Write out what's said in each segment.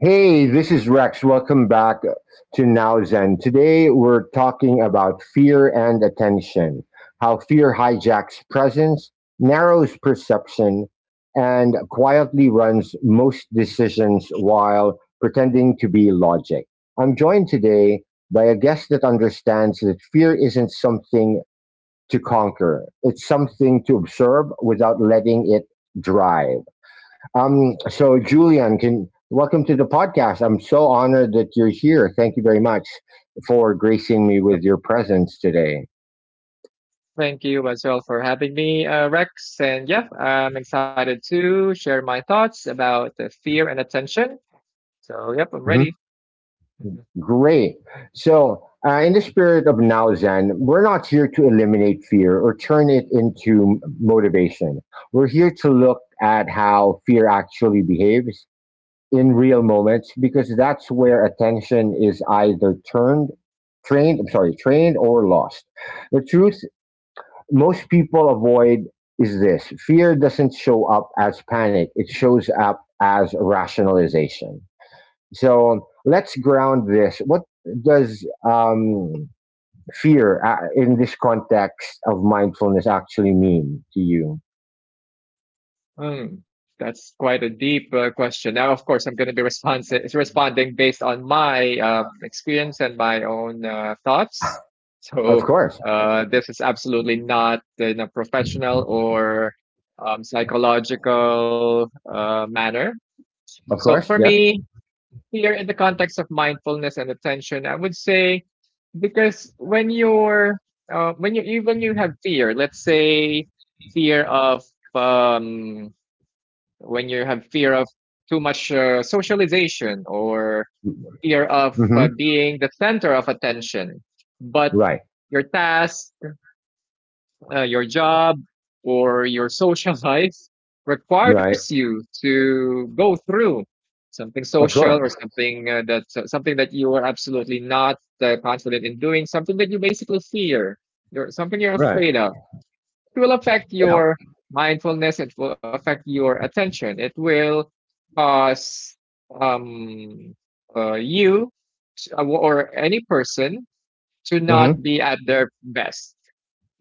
Hey, this is Rex. Welcome back to Now Zen. Today we're talking about fear and attention, how fear hijacks presence, narrows perception, and quietly runs most decisions while pretending to be logic. I'm joined today by a guest that understands that fear isn't something to conquer, it's something to observe without letting it drive. So Julian, can welcome to the podcast. I'm so honored that you're here. Thank you very much for gracing me Uh, with your presence today. Thank you as well for having me, Rex. And yeah, I'm excited to share my thoughts about the fear and attention. So, yep, I'm Mhm. ready. Mhm. Great. So, in the spirit of Now Zen, we're not here to eliminate fear or turn it into motivation. We're here to look at how fear actually behaves in real moments, because that's where attention is either turned, trained — I'm sorry — trained or lost. The truth most people avoid is this: fear doesn't show up as panic, it shows up as rationalization. So let's ground this. What does fear, in this context of mindfulness, actually mean to you? That's quite a deep question. Now, of course, I'm going to be responding based on my experience and my own thoughts. Of So, course. This is absolutely not in a professional or psychological manner. Of So, for course. Yeah. me, here in the context of mindfulness and attention, I would say because when you even you have fear, let's say fear of um, when you have fear of too much socialization or fear of Hmm. being the center of attention, but Right. your task your job or your social life requires Right. you to go through something Of social or course. something something that you are absolutely not confident in doing, something that you basically fear, something you're Right. afraid of. It will affect Yeah. your mindfulness, it will affect your attention, it will cause um, you or any person to not Hmm. be at their best.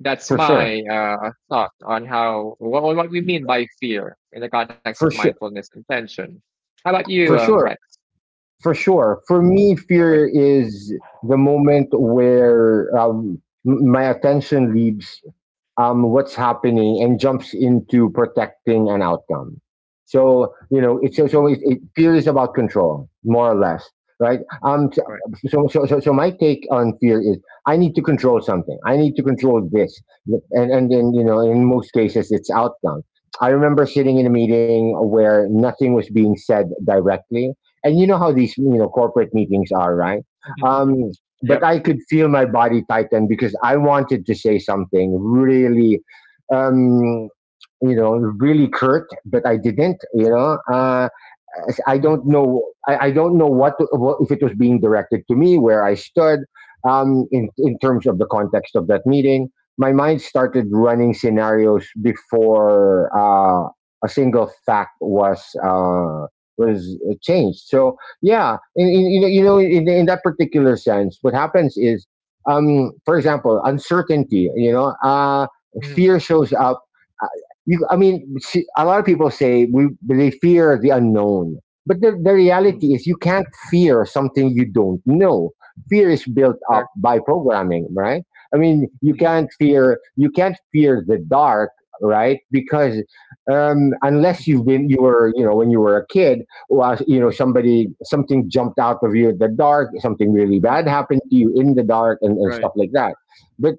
That's For sure. my thought on what we mean by fear in the context of For sure. mindfulness intention. How about you, For Rex? sure. For Mm. sure. For me, Right. fear is the moment where my attention leaves what's happening and jumps into protecting an outcome. So you know, it's Mm. so, so it fear is about control, more or less, right? Um, so, Right. so so so so my take on fear is I need to control something. I need to control this, and then you know, in most cases, it's outcome. I remember sitting in a meeting where nothing was being said directly, and you know how these you know corporate meetings are, right? Um, Yep. but I could feel my body tighten because I wanted to say something really, um, you know, really curt, but I didn't, you know. Mhm. I don't know. I don't know what, to, if it was being directed to me, where I stood, in terms of the context of that meeting. My mind started running scenarios before a single fact was was changed. So yeah, you know, you know, in that particular sense, what happens is, for example, uncertainty. You know, Mm, fear shows up. Uh, you, I mean, a lot of people say we they fear the unknown, but the mm, reality is, you can't fear something you don't know. Fear is built that- up by programming, right? I mean, mm, you can't fear the dark, right? Because unless mhm, you've been you know when you were a kid, was you know somebody mm, something jumped out of you in the dark, something really bad mm, happened to you in the dark, and Right. stuff like that. But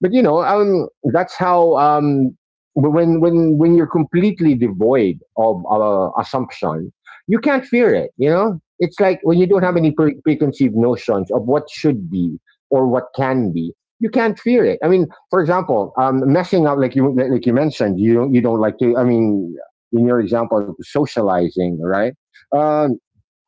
but you know, that's how when when you're completely devoid of assumption, you can't fear it. You know, it's like when you don't Mm, have any preconceived notions of what should be or what can be. You can't fear it. I mean, for example, messing up like you mentioned, you don't like to. I mean, in your example, socializing, right? Um,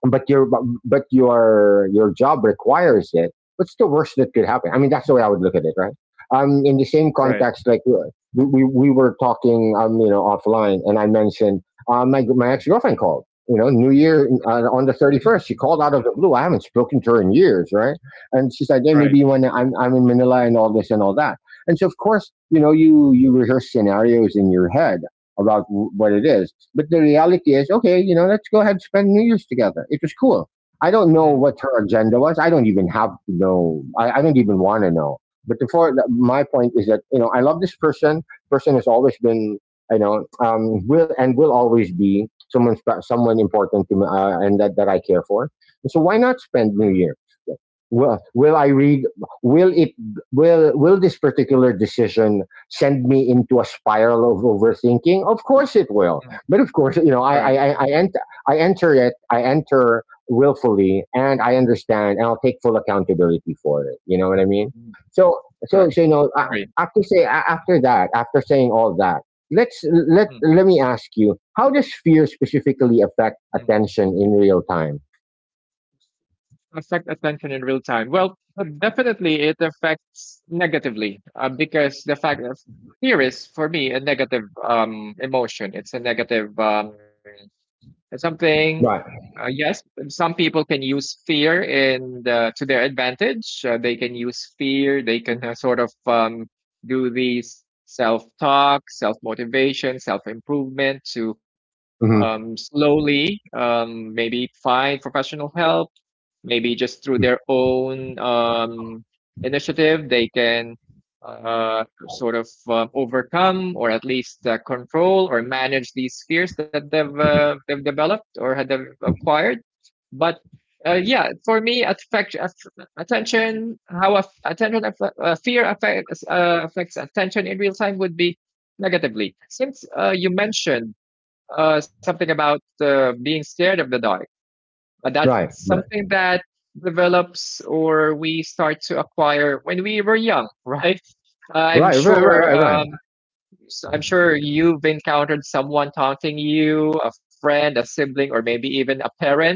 but your job requires it. What's the worst that could happen? I mean, that's the way I would look at it, right? Um, in the same Right. context, like, we were talking, um, you know, offline, and I mentioned my ex-girlfriend called, you know, New Year, Mhm, on the 31st. mhm, She called out of the blue, I haven't spoken to her in years, right? And she said, hey, Right. maybe I'm in Manila and all this and all that. And so of course, you know, you rehearse scenarios in your head about what it is. But the reality is, okay, you know, let's go ahead and spend New Year's together. It was cool. I don't Mm, know what her agenda was. I don't even have to know. I don't even want to know. But before, my point is that you know, I love this person. Person has always been, you know, will and will always be someone someone important to me, and that, that I care for. So why not spend New mm, Year? Will I read? Will it? Will this particular decision send me into a spiral of overthinking? Of course it will. mm, But of course, you know, Right. I enter it. I enter willfully, and I understand, and I'll take full accountability for it. You know what I mean? Mm, So so Correct. so you know, a- Agree. after say after that, after saying all that, let's let let me ask you, how does fear specifically affect Mm-hmm. attention in real time? Affect attention in real time? Well, definitely it affects negatively because the fact of fear is for me a negative emotion. It's a negative something. Right. Yes, some people can use fear in to their advantage. They can use fear. They can do these self talk, self motivation, self improvement to Hmm. Slowly, maybe find professional help, maybe just through their own initiative. They can overcome or at least control or manage these fears that they've developed or had they've acquired. But yeah, for me, affect, aff- attention, how aff- attention, aff- fear affects attention in real time would be negatively. Since you mentioned something about being scared of the dark. That's Right. Right. something that develops or we start to acquire when we were young, right? I'm Right. Right. Right. sure. Right. Right. So I'm sure you've encountered someone taunting you, a friend, a sibling, or maybe even a parent.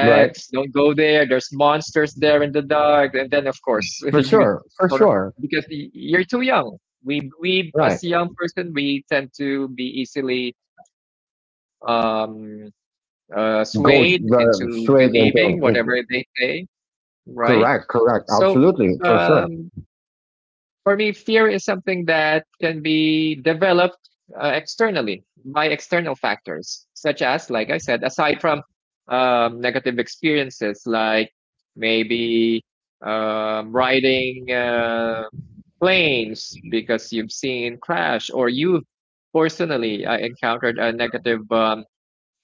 Right. don't go there. There's monsters there in the dark. And then, of course, For you sure. For sort of sure. because you're too young. We Right. as a young person, we tend to be easily um swayed into straight believing whatever they into say, right? correct correct So absolutely for sure. um, for me, fear is something that can be developed externally by external factors, such as, like I said, aside from negative experiences, like maybe riding planes because you've seen crash, or you've personally encountered a negative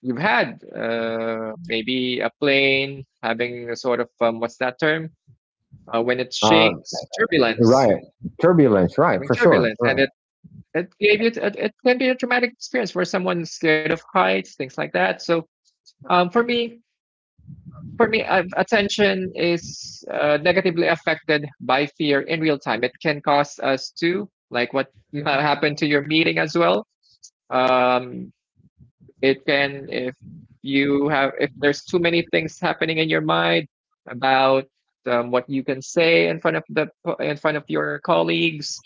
you've had maybe a plane having a sort of what's that term when it uh shakes, turbulence. right, turbulence, right, Having for sure, turbulence, and right, it gave it can be a traumatic experience for someone scared of heights, things like that. So um, for me for me, attention is negatively affected by fear in real time. It can cause us to, like what happened to your meeting as well. um, It can, if you have, if there's too many things happening in your mind about what you can say in front of the in front of your colleagues,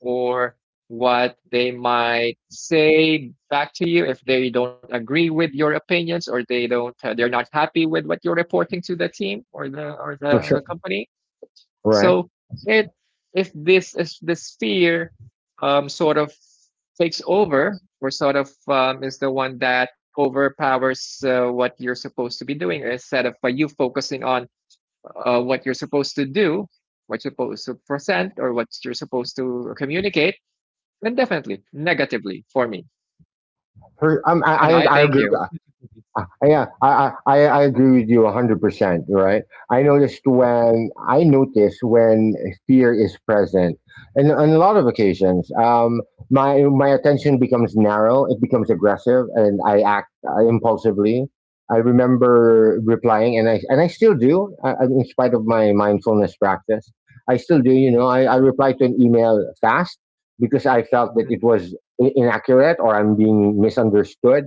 or what they might say back to you if they don't agree with your opinions, or they don't they're not happy with what you're reporting to the team or for the sure, company. right, So it, if this is this fear sort of takes over, or sort of is the one that overpowers what you're supposed to be doing instead of you focusing on what you're supposed to do, what you're supposed to present, or what you're supposed to communicate, then definitely negatively for me. for, I, And I I thank i you. agree. Yeah, I agree with you 100%, right? Mhm. I notice when fear is present. And on a lot of occasions, my attention becomes narrow, it becomes aggressive, and I act impulsively. I remember replying, and I still do, in spite of my mindfulness practice. I still do, you know, I reply to an email fast because I felt that it Mm. was inaccurate or I'm being misunderstood.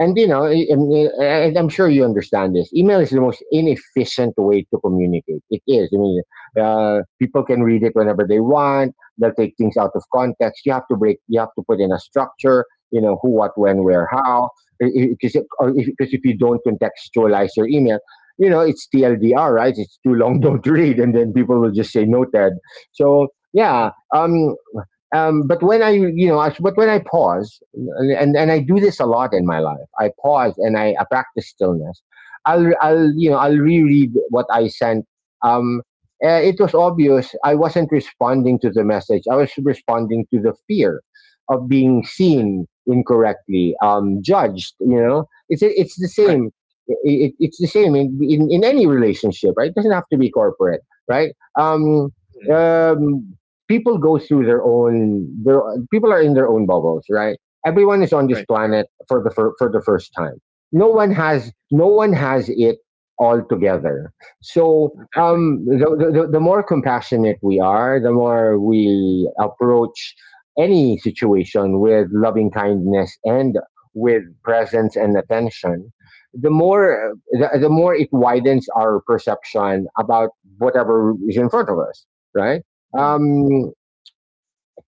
And you know, I mean, and I'm sure you understand this. Email is the most inefficient way to communicate. It is. I mean, people can read it whenever they want. They'll take things out of context. You have to break. You have to put in a structure. You know who, what, That's when, right. where, how. Because if, 'cause if you don't contextualize your email, you know it's TLDR, right? It's too long, don't read, and then people will just say noted. So yeah, Mhm. But when I, you know, but when I pause, and I do this a lot in my life, I pause and I practice stillness. You know, I'll reread what I sent. Um, it was obvious I wasn't responding to the message. I was responding to the fear of being Mm. Mm. seen incorrectly, judged. You know, it's the Right. same. It, it it's the same in, in any relationship, right? It doesn't have to be corporate, right? Um, Mm. um, people go through their own their people are in their own bubbles, right? Everyone is on this Right. True. planet for the for the first time. No one has it all together. So Exactly. um, the more compassionate we are, the more we approach any situation with loving kindness and with presence and attention, the more the more it widens our perception about whatever is in front of us, right? Mm. Um,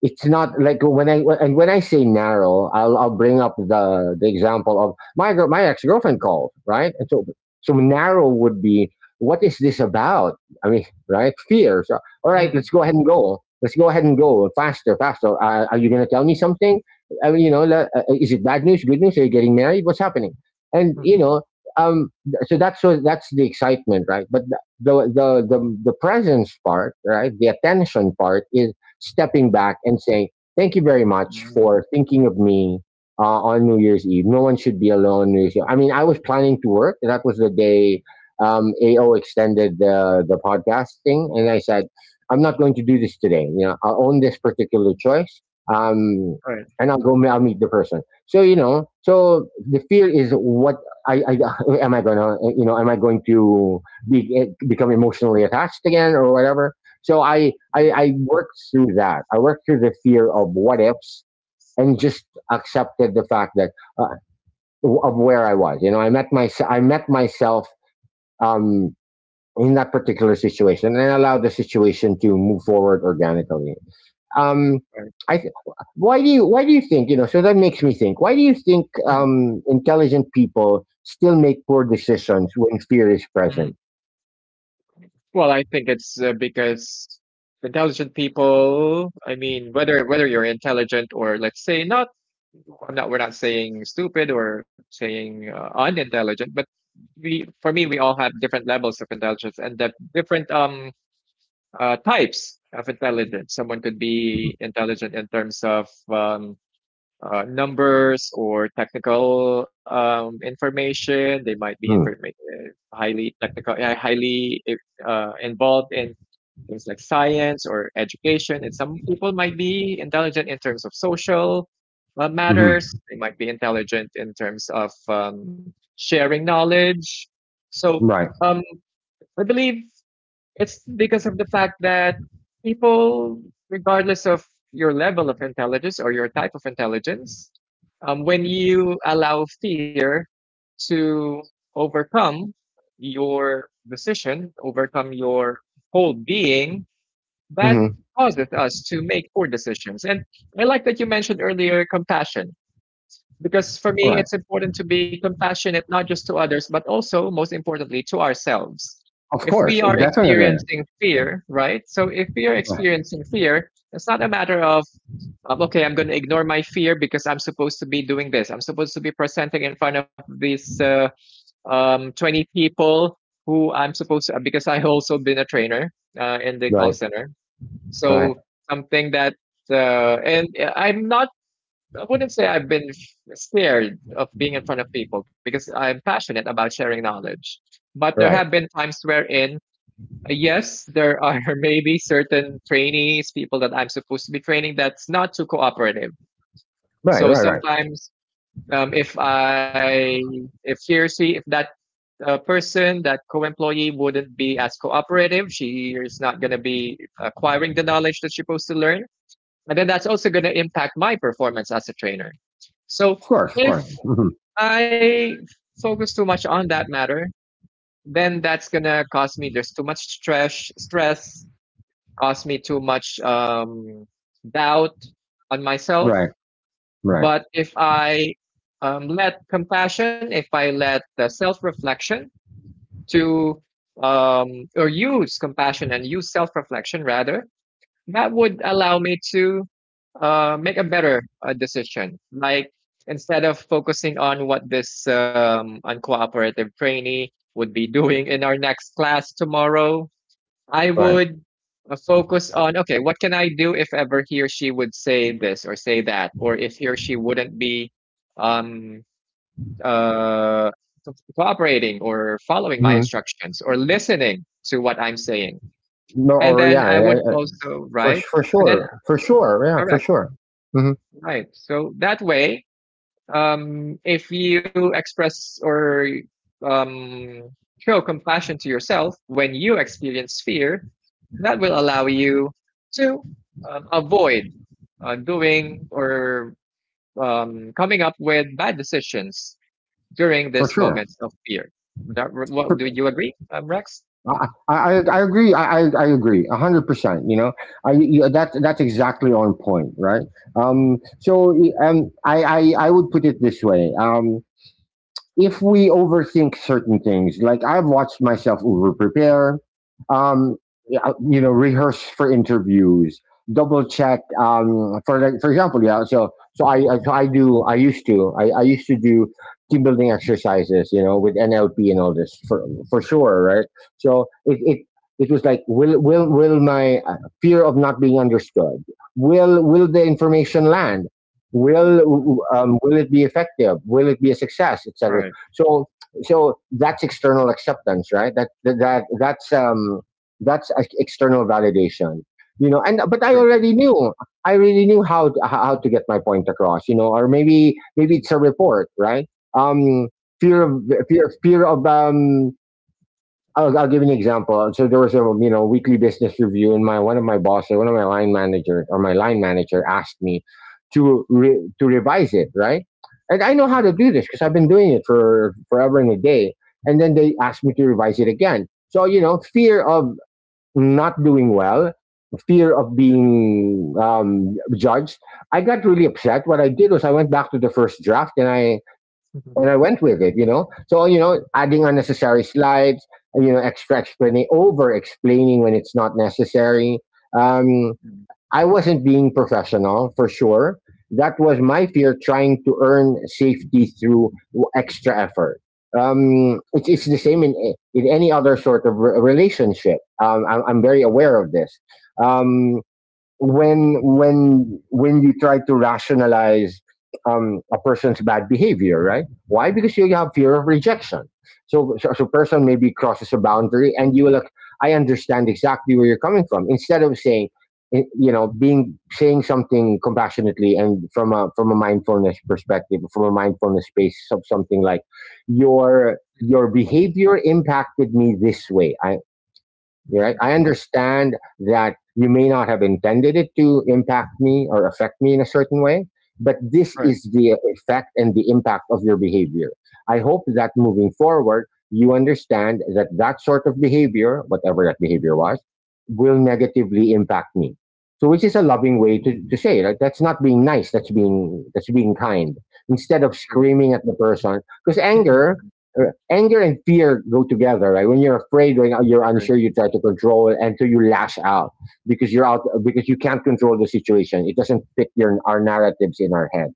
it's not like when I, and when I say narrow, I'll bring up the example of my ex-girlfriend called, right? And so, so narrow would be, what is this about? I mean, right, fear. So all right, mm, let's go ahead and go faster faster, are you going to tell me something? I mean, you know, is it bad news, good news, are you getting married, what's happening? And you know, mm, um, so that's the excitement, right? But the the presence part, right, the attention part is stepping mm, back and saying, thank you very much mm. for thinking of me, on New Year's Eve. No one should be alone New Year's Eve. I mean, I was planning to work. That was the day AO extended the podcast thing. And I said, I'm not going to do this today. You know, I'll own this particular choice. Um, Right. and I'll go. I'll meet the person. So you know. So the fear is what I am I gonna, you know, am I going to be become emotionally attached again or whatever? So Mhm. I worked through that. I worked through the fear of what ifs and just accepted the fact that uh, of where I was. You know, I met myself um, in that particular situation, and I allowed the situation to move forward organically. Um, Right. I th- why do you think, you know? So that makes me think. Why do you think Mm, intelligent people still make poor mm, decisions when fear is mm. present? Well, I think it's because intelligent people, I mean, whether you're intelligent or let's say not, I'm not, we're not saying stupid or saying unintelligent, but for me, we all have different levels of intelligence and the different types of intelligence. Someone could Mm-hmm. be intelligent in terms of numbers or technical information. They might be Mm-hmm. information highly technical, involved in things like science or education. And some people might be intelligent in terms of social matters. Mm-hmm. They might be intelligent in terms of sharing knowledge. So Right. um, I believe it's because of the fact that people, regardless of your level of intelligence or your type of intelligence, when you allow fear to overcome your decision, overcome your whole being, that Hmm. causes us to make poor decisions. And I like that you mentioned earlier compassion. Because for All me, right. it's important to be compassionate, not just to others, but also, most importantly, to ourselves. Of If we course. are Definitely. experiencing fear, right? So if we are experiencing fear, it's not a matter of okay, I'm going to ignore my fear because I'm supposed to be doing this. I'm supposed to be presenting in front of these 20 people who I'm supposed to, because I also been a trainer in the call Right, center. right, So something that, and I'm not, I wouldn't say I've been scared of being in front of people because I'm passionate about sharing knowledge. But there have right, been times wherein, yes, there are maybe certain trainees, people that I'm supposed to be training, that's not too cooperative. right, So right, right. sometimes, um, if I, if he or she, if that person, that co-employee wouldn't be as cooperative, she is not going to be acquiring the knowledge that she's supposed to learn, and then that's also going to impact my performance as a trainer. Of So course, of if course. Mhm. I focus too much on that matter, then that's going to cause me, there's too much stress, cause me too much doubt on myself. Right, right, But if I if I let the self reflection to, or use compassion and use self reflection rather, that would allow me to make a better decision. Like instead of focusing on what this uncooperative trainee would be doing in our next class tomorrow, I right. would focus on okay, what can I do if ever he or she would say this or say that, or if he or she wouldn't be um, uh, cooperating or following my Mhm. instructions or listening to what I'm saying. No, And or then yeah, I would also, right? And then for sure, yeah, for Correct. sure, hmm, Right. So that way, if you express or um, show compassion to yourself when you experience fear, that will allow you to avoid doing or coming up with bad decisions during these for moments sure. of fear. That, what, do For- you agree, Rex? I agree. I agree. 100%. You know, that's exactly on point, right? So I would put it this way. If we overthink certain things, like I've watched myself over prepare, um, yeah, you know, rehearse for interviews, double check. For example, yeah. So so I, so I do I used to do team building exercises, you know, with NLP and all this for sure, right? So it was like will my fear of not being understood, will the information land, Mm, will it be effective, will it be a success, right. etc. So that's external acceptance, right? That's that's external validation. You know, and but I True. already knew. I really knew how to Mhm. get my point across. You know, or maybe Mm, it's a report, right? Um, fear fear of I'll give you an example. So there was a, you know, weekly business review, and my one of my bosses, one of my line manager or my line manager, asked me to to revise it, right? And I know how to mm, do this because I've been doing it for forever and a day. And then they asked me to revise it again. So you know, fear of not doing well, fear of mm, being judged. I got really upset. What I did was I went back to the first draft, and mm, I went with it, you know. So you know, adding mm, unnecessary slides, you know, extra explaining, over explaining when it's not necessary. Um, mm, mm, mm, mm, I wasn't being professional for sure. That was my fear, trying to earn safety through extra effort. It's the same in in any other sort of relationship. I'm very aware of this. Um, when you try to rationalize a person's bad behavior, right? Why? Because you have fear of rejection. So a person maybe crosses a mm, mm. boundary, and you will like, I understand exactly where you're coming from. Instead of saying, you know, being saying something compassionately and from a mindfulness perspective, from a mindfulness mm, space of something like your behavior impacted me this way. Mm, You're right. mm, I understand that you may not have intended it to impact me or affect me in a certain way, but this Right. is the effect and the impact of your behavior. I hope that moving forward, you understand that that sort of behavior, whatever that behavior Mm, was, will negatively impact me. So, which is a loving way to say it. Like, that's not being nice. That's being kind. Instead of true. screaming at the person, because I anger and fear go together, right? When you're afraid, when you're agree. unsure, you try to control it and so you lash out because you can't control the situation. It doesn't fit your our narratives in our head.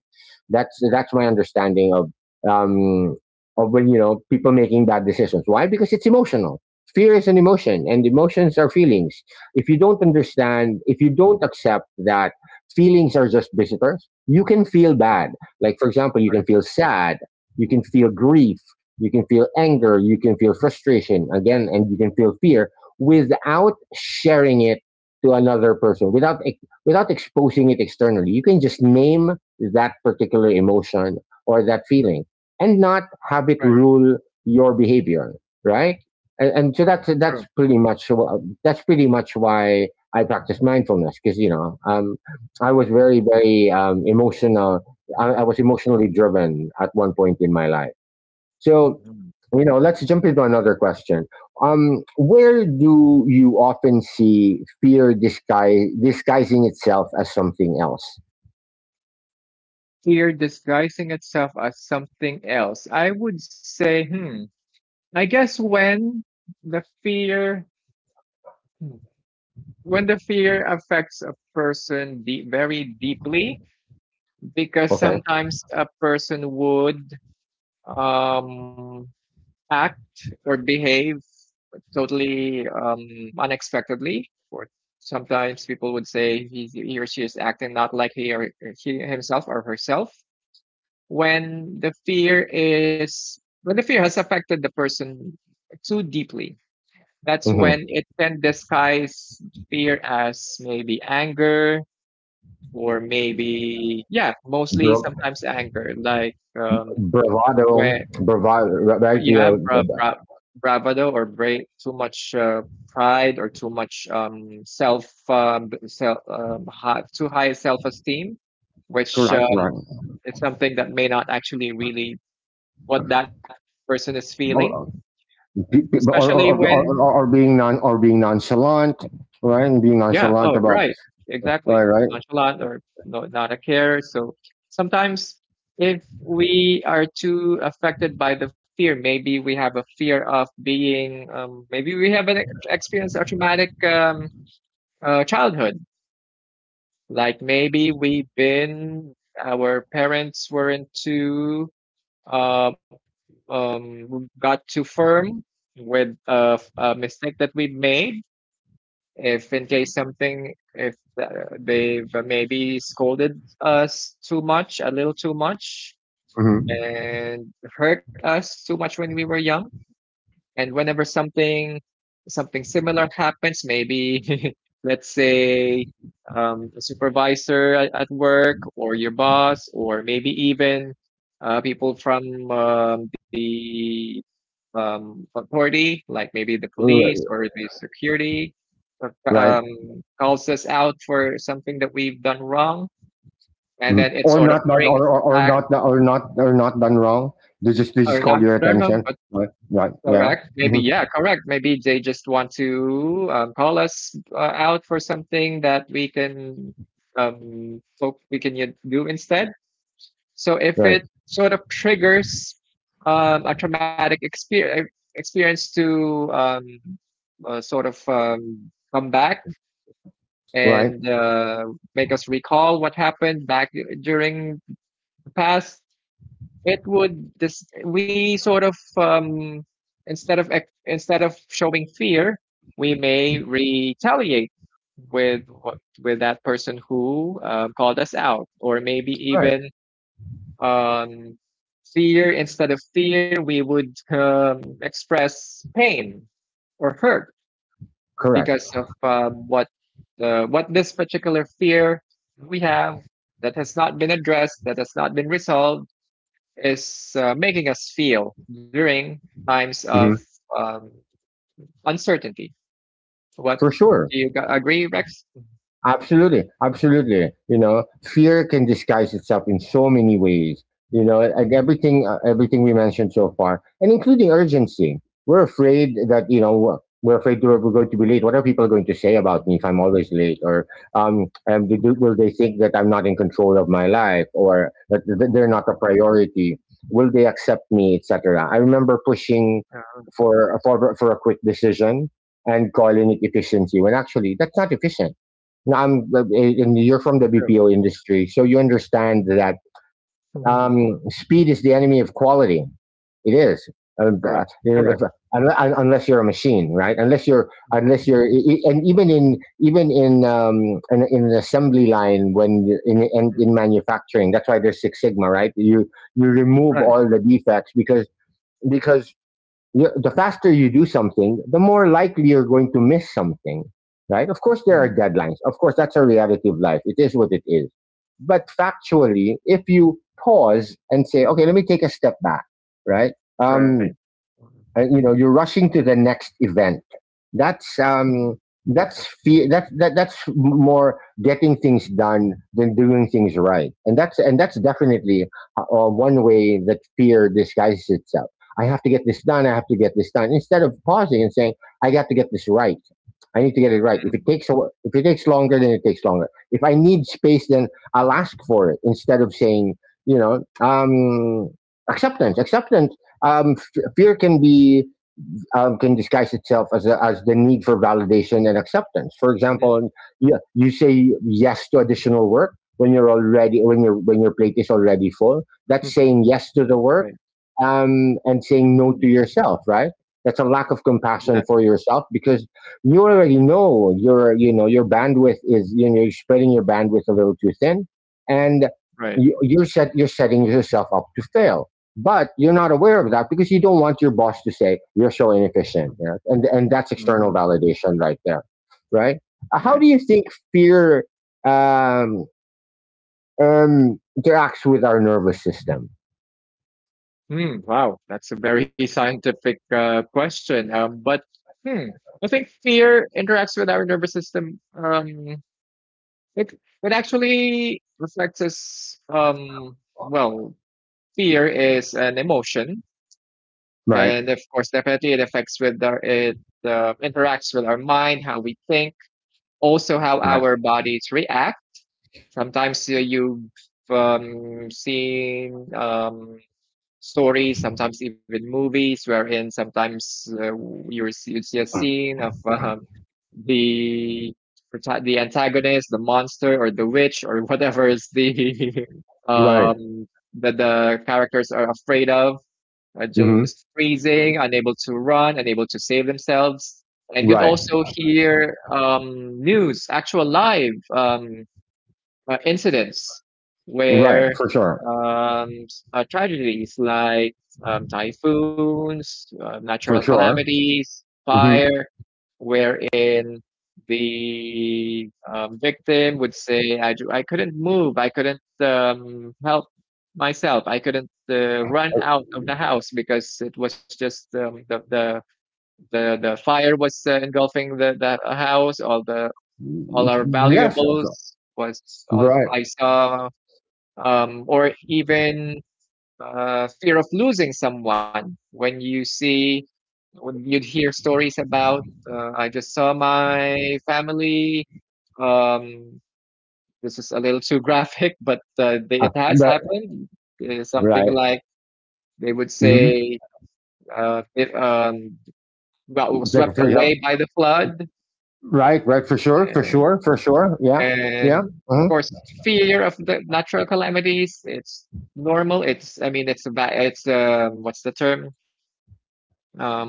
That's my understanding um, of when you know people making bad decisions. Why? Because it's emotional. Fear is an emotion, and emotions are feelings. If you don't understand, if you don't accept that feelings are just visitors, you can feel bad. Mm, Like for example, you can right, feel sad, you can feel grief, you can feel anger, you can feel frustration again, and you can feel fear without sharing it to another person, without without exposing it externally. You can just name that particular emotion or that feeling and not have it right, rule your behavior, right? And so that's true. pretty much that's pretty much why I practice mindfulness, because you know I was very emotional. I was emotionally driven at one point in my life. So Mhm. you know, let's jump into another question. Where do you often see fear disguising itself as something else? Here disguising itself as something else. I would say, hmm, I guess when the fear hmm, when the fear affects a person deep, very deeply, because Okay. sometimes a person would um act or behave totally unexpectedly. Or sometimes people would say he or she is acting not like he himself or herself. When the fear is, when the fear has affected the person too deeply, that's Hmm. when it can disguise fear as maybe anger, or maybe yeah, mostly sometimes anger. Like Bravado, when right? yeah, You bra know, bra bravado or brave, too much pride or too much too high self-esteem, which correct, right? is something that may not actually really what that person is feeling, Or, especially when or being or being nonchalant, right? And being Yeah. nonchalant Oh, about, right. right, Exactly. right, Nonchalant or no, not a care. So sometimes, if we are too affected by the fear, maybe we have a fear of being, maybe we have an experience a traumatic childhood. Like maybe we've been, our parents weren't too, uh, got too firm with a mistake that we made if in case something if uh, they've maybe scolded us too much, a little too much, mm-hmm. and hurt us too much when we were young, and whenever something similar happens, maybe let's say a supervisor at work or your boss, or maybe even people from the authority, like maybe the police Right, or the security, uh, right. um, calls us out for something that we've done wrong, and Mhm. then it Or sort of not done, brings or back, not, or not done wrong. They just or call not your done wrong, but attention, right? Right, yeah, correct. Maybe, hmm, yeah, correct. Maybe they just want to call us out for something that we can so we can do instead. So if right, it sort of triggers a traumatic experience to sort of come back right, and make us recall what happened back during the past, it would this we sort of instead of instead of showing fear, we may retaliate with what with that person who called us out, or maybe right, even um, fear instead of fear we would express pain or hurt correct, because of what what this particular fear we have that has not been addressed, that has not been resolved, is making us feel during times of hmm, um, uncertainty. What, for sure. do you agree, Rex? Absolutely, absolutely. You know, fear can disguise itself in so many ways. You know, and everything, everything we mentioned so far, and including urgency. We're afraid that you know we're afraid we're going to be late. What are people going to say about me if I'm always late? Or will they think that I'm not in control of my life, or that they're Ah, not a priority? Will they accept me, etc. I remember pushing yeah, for a quick decision and calling it efficiency when actually that's not efficient. Now, I'm mm, and You're from the true. BPO industry, so you understand that Mm. Speed is the enemy of quality. It is. Um, Correct. uh, Correct. unless you're a machine, right? Unless you're, unless you're, e- e- and even in, in an assembly line when Mm, in manufacturing, that's why there's Six Sigma, right? You remove right. all the defects, because the faster you do something, the more likely you're going to miss something, right? Of course, there are Mm, deadlines. Of course, that's a reality of life. It is what it is. But factually, if you pause and say, okay, let me take a step back, right? right. Um, you know you're rushing to the next event. that's Mm, um that's fear. That that's more getting things done than doing things right, and that's definitely one way that fear disguises itself. I have to get this done, instead of pausing and saying, I got to get this right. I need to get it right. Mm, if it takes longer, then it takes longer. If I need space, then I'll ask for it, instead of saying, you know, acceptance, um fear can be, can disguise itself as a, as the need for validation and acceptance. For example, you say yes to additional work when you're already when your plate is already full. mm, That's saying yes to the work right. And saying Mm, no to yourself, right? That's a lack of compassion exactly. for yourself, because you already know you know your bandwidth is, you know, you're spreading your bandwidth a little too thin, and Right. You're set you're setting yourself up to fail, but you're not aware of that because you don't want your boss to say you're so inefficient, Mm, you know? And that's external mm, validation right there, right? How right. do you think fear um, interacts with our nervous system? Hmm. Wow, that's a very scientific question. But hmm, I think fear interacts with our nervous system. It it actually reflects us. Well, Fear is an emotion, Right, and of course, definitely it affects with our it interacts with our mind, how we think, also how right, our bodies react. Sometimes you've seen stories, sometimes even movies, wherein sometimes you see a scene of the the antagonist, the monster, or the witch, or whatever is the right, um that the characters are afraid of, are just mm-hmm. freezing, unable to run, unable to save themselves. And you'd Right, also hear news, actual live incidents right, where for sure, um, tragedies like typhoons, natural for sure, calamities, mm-hmm. fire, wherein the victim would say, I, do, I couldn't move, I couldn't help myself, I couldn't run out of the house because it was just the fire was engulfing the house, all, the, all our Yes, valuables was all right, I saw. Or even fear of losing someone. When you see, when you'd hear stories about, I just saw my family. Um, this is a little too graphic, but they, it has right, happened. Something right, like they would mm-hmm. say, if, got Like swept for away example, by the flood, right, right, for sure, for and, sure, for sure, yeah, yeah, and of uh-huh. course, fear of the natural calamities. It's normal. It's, I mean, it's a about, it's, what's the term?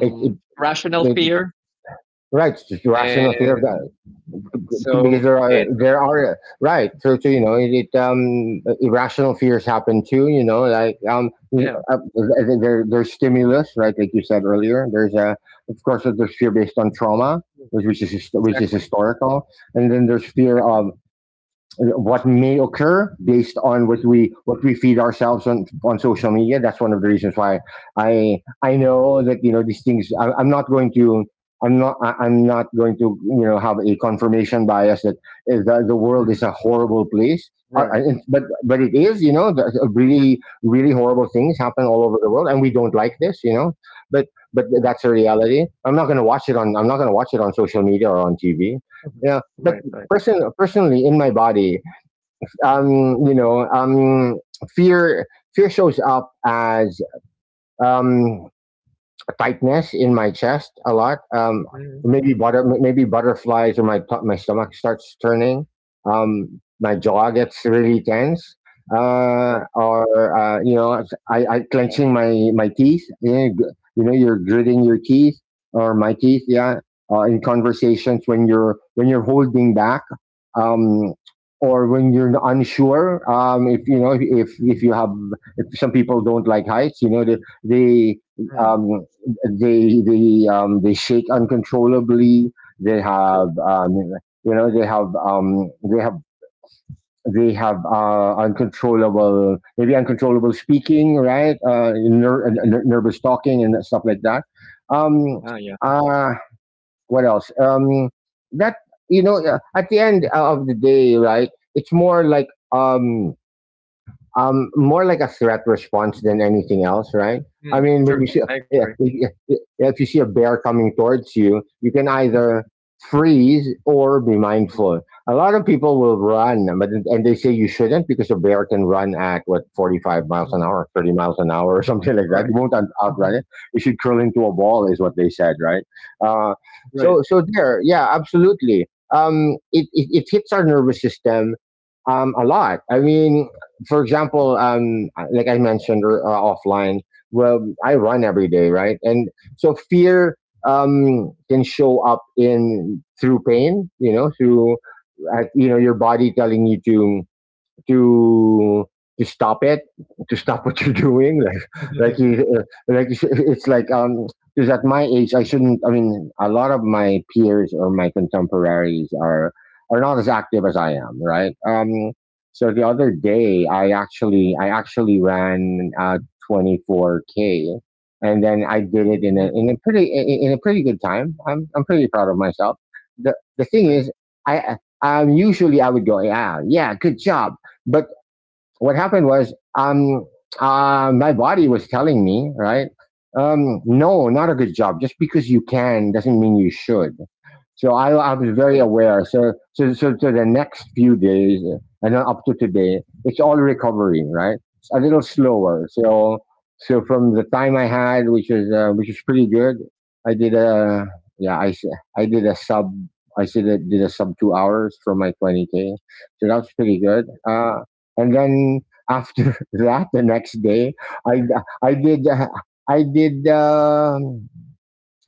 it, it, Rational it. fear, Right, it's just rational fear of and that- so because it there are right. So, so you know, it um, irrational fears happen too. You know, like yeah, there there's stimulus, right? Like you said earlier, there's a, of course there's fear based on trauma, mm, which which is exactly, historical, and then there's fear exactly, of what may occur based on what mm, we feed ourselves on social media. That's one of the reasons why I know that you know these things. I'm not going to. I'm not. I'm not going to, you know, have a confirmation bias that the world mm, is a horrible place. Right, But it is, you know, really really horrible things mm, happen all over the world, and we don't like this, you know. But but yeah, that's a reality. I'm not going to watch it on. I'm not going to watch it on social media or on TV. mhm, Yeah, but right, right, personally in my body, mm, you know, fear fear shows up as um tightness in my chest a lot. Mm, Maybe maybe butterflies, or my stomach starts turning. My mm, jaw gets really tense, right, or you know, I clenching my my teeth. You know, you know, you're gritting your teeth or my teeth. Yeah, in conversations when you're holding back. Um, or when you're unsure, if you have, if some people don't like heights, you know they they mm, um, they shake uncontrollably. They true, have you know they have they have uncontrollable, maybe uncontrollable speaking, right, mm, nervous talking and stuff like that. Um, ah yeah, uh, what else? That, at the end of the day, right? It's more like a threat response than anything else, right? I mm, mean, when true, you see I agree, yeah, yeah, yeah, if you see a bear coming towards you, you can mm, either freeze or be mindful. A lot of people will run, but and they say you shouldn't, because a bear can run at, what, 45 miles an mm, hour, 30 miles an hour, or something like that. You right, won't outrun mhm, it. You should curl into a ball, is what they said, right? Uh, right, so there, yeah, absolutely. It hits our nervous system a lot. I mean, for example, like I mentioned offline, well, I run every day, right? And so fear can show up in through pain, you know, through your body telling you to to to stop it to stop what you're mm, doing. Like you, it's like, because at my age, I shouldn't I mean, a lot of my peers or my contemporaries are not as active as I am, right. So the other day, I actually ran 24K. And then I did it in mm, a pretty good time. I'm pretty proud of right, myself. The thing right, is, I usually I would go, yeah, yeah, good job. But what happened was, my body was telling me, right? No, not a good job. Just because you can doesn't mean you should. So I was very true, aware. So the next few days, and then up to today, it's all recovery, right? It's a little mm, slower. So from the time I had, which is pretty good, I did a, yeah, I did a sub, I said I did a sub 2 hours for my 20K. So that was pretty good. mm, And then, after that, the next day, i I did i did um,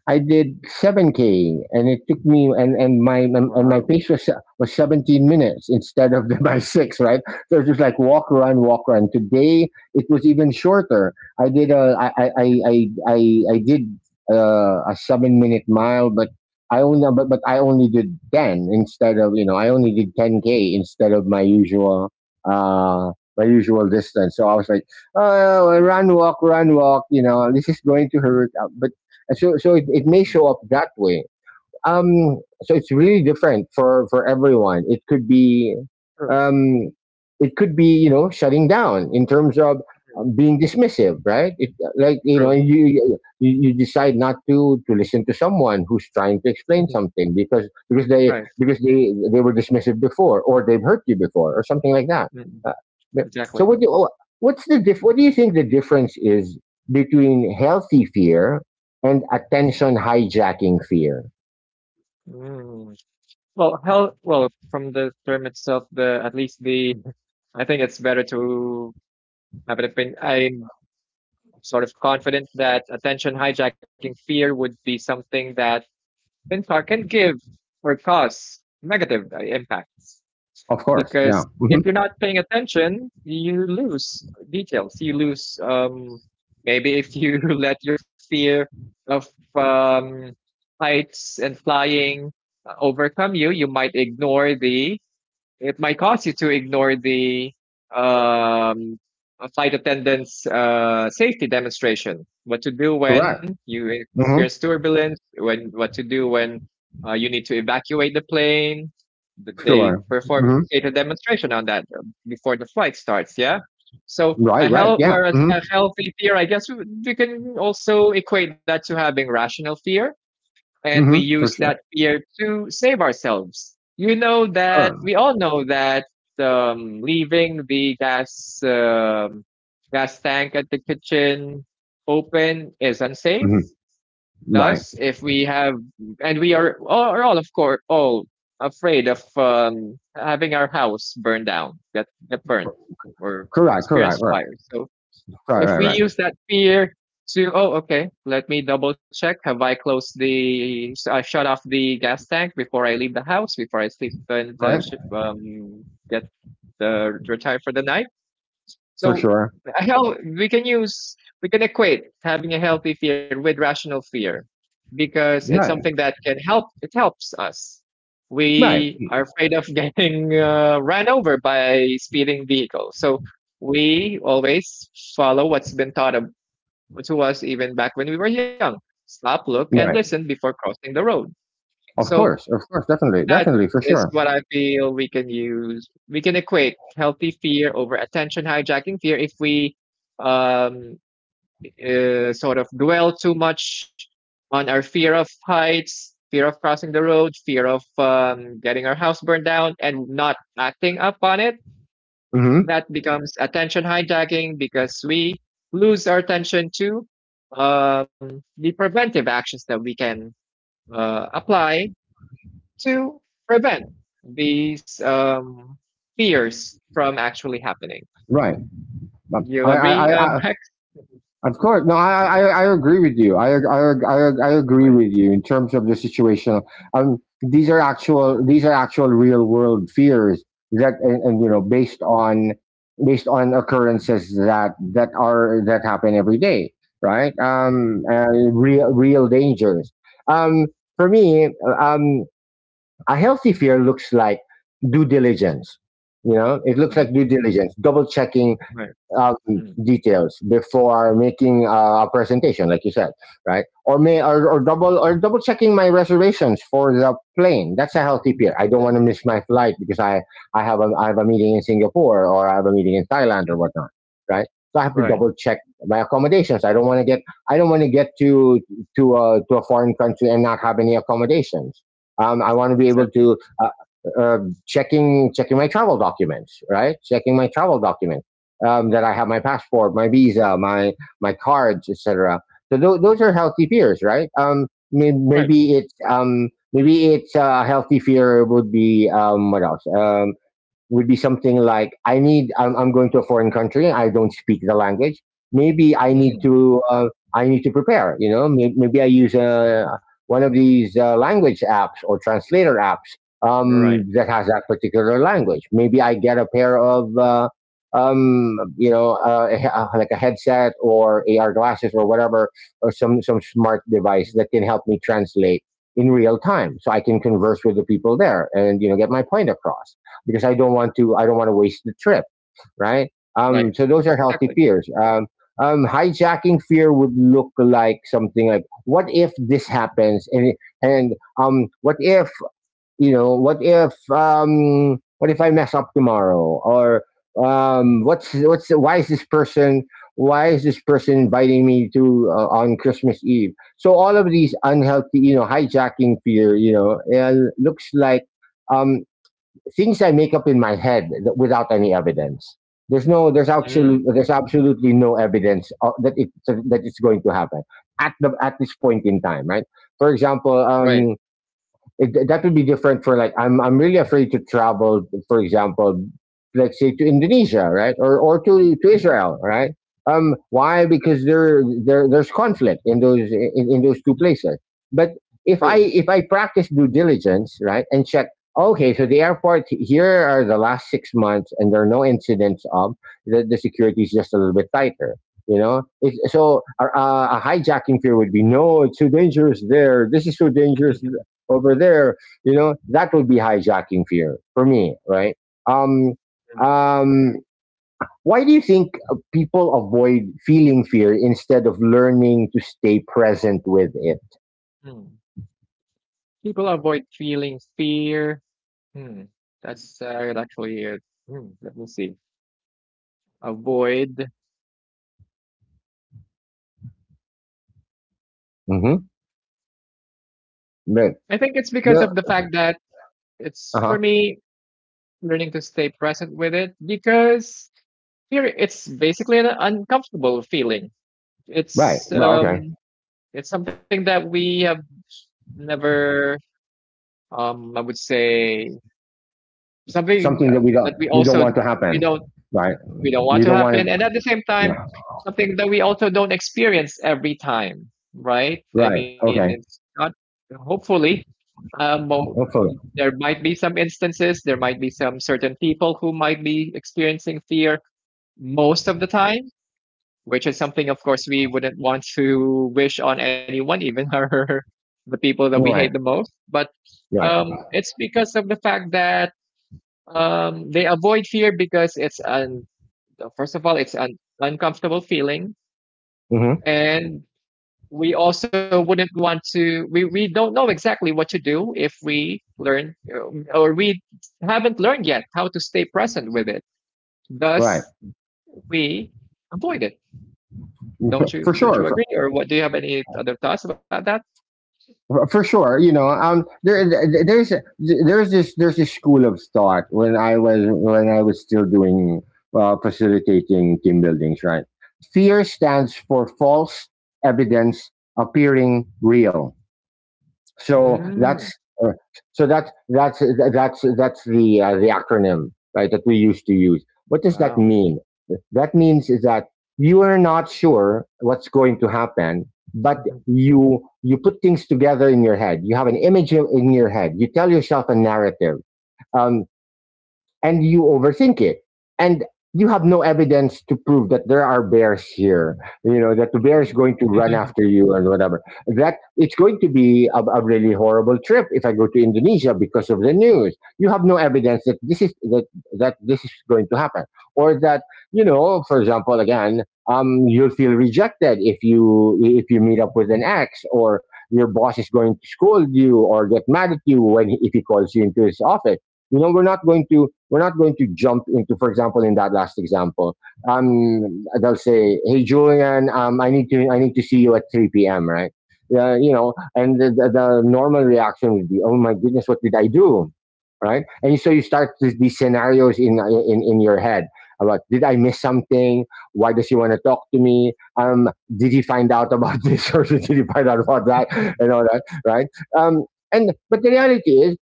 I did 7K, and it took me, and my wow, pace was 17 minutes instead of the, by six, right? So it was just like walk, run, walk, run. Today it was even shorter. I did a I I I I I I did a 7-minute mile, but I only did 10, instead of, you know, I only did 10K instead of uh my usual distance. So I was like, oh, run, walk, run, walk. You know, this is going to hurt. But and so it may mm, show up that way. So it's really different for everyone. It could be, true, um, it could be, shutting down in terms of, mm, being dismissive, right? Like, true, you decide not to listen to someone who's trying to explain something, because right, they were dismissive before, or they've hurt you before, or something like that. mm, Uh, but- so exactly. what do oh, what's the diff- What do you think the difference is between healthy fear and attention hijacking fear? Mm. Well, from the term itself, the at least the I think it's better to have an opinion. I'm sort of confident that attention hijacking fear would be something that FinTech can give or cause negative impacts Of course. because Yeah. Hmm. if you're not paying attention, you lose details. You lose maybe if you let your fear of um, heights and flying overcome you, you might ignore the it might cause you to ignore the um, flight attendant's safety demonstration. What to do when Correct. you Hmm. experience turbulence, when what to do when you need to evacuate the plane. They Sure. perform Hmm. data demonstration on that before the flight starts. Yeah. So Right. a Right. health, Yeah. whereas Hmm. a healthy fear, I guess we can also equate that to having rational fear, and we Hmm. use For that sure. fear to save ourselves. You know that Sure. we all know that leaving the gas tank at the kitchen open is unsafe. Hmm. Thus, Right. if we have, and we are are all, of course, all afraid of having our house burned down, get burnt, or Correct. Correct. experience Right. fire. So Right. if Right. we Right. use that fear to, oh, okay, let me double check. Have I closed the, I shut off the gas tank before I leave the house, before I sleep and Right. Get the retire for the night? For So sure. a hell, we can use, we can equate having a healthy fear with rational fear because it's Right. something that can help. It helps us. Right. We are afraid of getting run over by speeding vehicles, so we always follow what's been taught of, to us even back when we were young. Stop, look, and Right. listen before crossing the road. Of So course. Of course. Definitely. that Definitely. For is sure. what I feel we can use. We can equate healthy fear over attention hijacking fear if we um, sort of dwell too much on our fear of heights, fear of crossing the road, fear of getting our house burned down, and not acting up on it. Hmm. That becomes attention hijacking because we lose our attention to the preventive actions that we can apply to prevent these fears from actually happening. Right. You agree, I. I. Hex? Mhm. Of course. No, I agree with you. I Right. agree with you in terms of the situation. Mm. These are actual real world fears that, and, you know, True. Based on occurrences that happen every day, right? Mm. Real real dangers. Um, for me, um, a healthy fear looks like due diligence. You know, it looks Mm. like due diligence, double checking Right. um, Mm. details before making a presentation, like you said, right? Or may or double checking my reservations for the plane. That's a healthy fear. I don't want Mm. to miss my flight, because I have a meeting in Singapore, or I have a meeting in Thailand, or Mhm. whatnot, right? So I have to Right. double check my accommodations. I don't want to get to a foreign country and not have any accommodations. I want to be able Exactly. to, uh, uh, checking my travel documents, right? Checking my travel documents, that I have my passport, my visa, my cards, etc. So those are healthy fears, right? Right. Maybe it's, maybe it's a healthy fear would be, what else? Would be something like, I need. I'm going to a foreign country. I don't speak the language. Maybe I need Mm. to. I need to prepare. You know, maybe I use, one of these language apps or translator apps, You're right. That has that particular language. Maybe I get a pair of. You know, like a headset or Mhm. AR glasses or whatever, or some smart device that can help me translate in real time, so I can converse with the people there and, get my point across. Because I don't want to waste the trip, right? Right. So those are healthy Exactly. fears. Hijacking fear would look like something like, what if this happens, and what if, what if I mess up tomorrow, or, what's why is this person, why is this person inviting me to, on Christmas Eve? So all of these unhealthy, hijacking fear, looks like, um things I make up in my head, without any evidence. Mm. There's absolutely no evidence, that it's going to happen at this point in time, right? For example, Right. That would be different. For, like, I'm really afraid to travel, for example, like say to Indonesia, right, or to Mm. Israel, right? Why? Because there's conflict in those, in those two Mhm. places. But True. If I practice due diligence, right, and check, okay, so the airport here, are the last 6 months, and there are no incidents of the security is just a little bit tighter. You know, it's, so A hijacking fear would be, no, it's so dangerous there. This is so dangerous over there. You know, that would be hijacking fear for me, right? Um, Mm. um, why do you think, people avoid feeling fear instead of learning to stay present with it? Mm. People avoid feeling fear. Mm. That's actually it. Mm. Let me see. Avoid, Mm-hmm. Right. I think it's because of the Well, fact that uh it's, for huh. me, learning to stay present with it because here it's basically an uncomfortable feeling. Right. It's Well, okay. um it's something that we have never I would say something Something that that we we don't also want to we happen, don't right? we don't want We to don't want it, happen, and at the same no. time, something that we also don't experience every time, right? I Right? mean, it's Okay, not hopefully Um, mo- okay. there might be some instances, there might be some certain people who might be experiencing fear most of the time, which is something, of course, we wouldn't want to wish on anyone, even our the people that we hate the Right, most. But right. It's because of the fact that they avoid fear because it's an first of all, it's an uncomfortable feeling, Hmm. and we also wouldn't want to we don't know exactly what to do if we learn or we haven't learned yet how to stay present with it, Right. thus we avoid it. For Don't you, for don't you sure. agree, or what do you have any other thoughts about that? For for, sure. You know, there's this school of thought, when I was still doing, facilitating team buildings, right? Fear stands for false evidence appearing real. So Mm, that's uh, so that's the, the acronym, right, that we used to use. What does that wow, mean? That means is that you are not sure what's going to happen, but you put things together in your head. You have an image in your head. You tell yourself a narrative. Um, and you overthink it, and you have no evidence to prove that there are bears here, you know, that the bear is going to run after you and whatever, that it's going to be a really horrible trip if I go to Indonesia because of the news. You have no evidence that this is that that this is going to happen, or that, you know, for example, again, you'll feel rejected if you meet up with an ex, or your boss is going to scold you or get mad at you when if he calls you into his office. You know, we're not going to jump into, for example, in that last example. They'll say, "Hey, Julian, I need to see you at 3 p.m." Right? You know, and the normal reaction would be, "Oh my goodness, what did I do?" Right? And so you start these scenarios in your head about did I miss something? Why does he want to talk to me? Did he find out about this or did he find out about that and all that, right? Um, and but the reality is,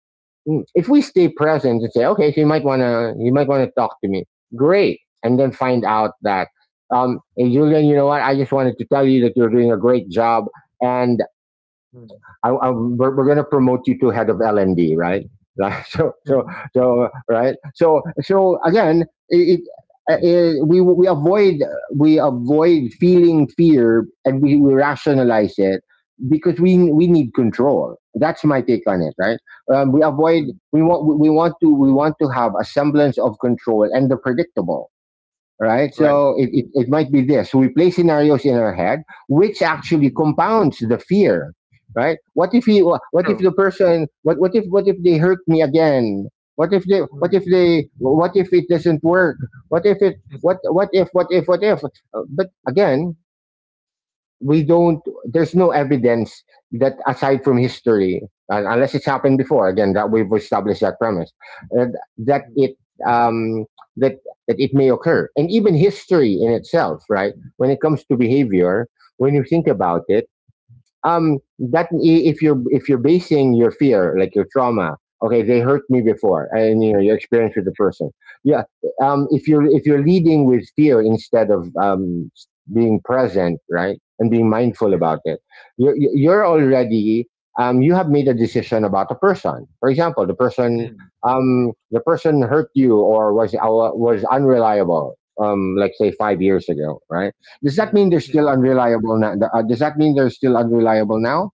Mm. If we stay present and say, okay, so you might wanna talk to me. Great, and then find out that, hey, Julian, you know what? I just wanted to tell you that you're doing a great job, and we're going to promote you to head of L&D, right? Right. So, so, so again, uh, we we avoid we avoid feeling fear, and we rationalize it because we need control. That's my take on it, right? We avoid we want to have a semblance of control and the predictable, right? right. So it might be this. So we play scenarios in our head, which actually Mm. compounds the fear, right? What if True. the person, what if they hurt me again? What if it doesn't work? What if it, what if, what if, what if? But again, we don't there's no evidence, that, aside from history, unless it's happened before, again, that we've established that premise, uh, that Mm. it um that that it may occur. And even history in itself, right, when it comes to behavior, when you think about it, if you're basing your fear, like your trauma, okay, they hurt me before, and you know, your experience with the Yeah. person, yeah. If you're leading with fear instead of being present, right, and being mindful Mm. about it, you're already, you have made a decision about a person. For example, the person, Mm. The person hurt you, or was unreliable, um, like say 5 years ago, right? Does that mean Mm. they're Mm. still unreliable now? Does that mean they're still unreliable now?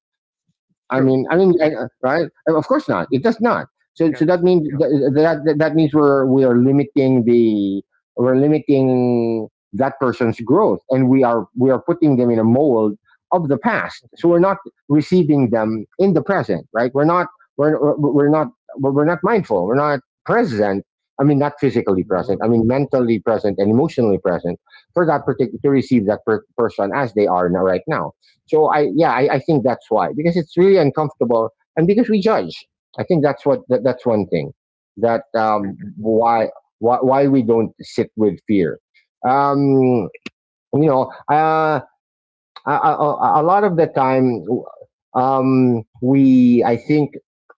True, that Of course not. It does not. you So can, that means that, that means we are limiting the, we're limiting that person's growth, and we are putting them in a mold of the past. So we're not receiving them in the present, right? We're we're we're not we're not mindful. We're not present. I mean, not physically present. yeah. I mean, mentally present and emotionally present, for that particular to receive that person as they are now, right now. So I, yeah, I think that's why, because it's really uncomfortable, and because we judge. I think that's what that's one thing, that Right, why we don't sit with fear. Um, you know, uh, a lot of the time, we, I think,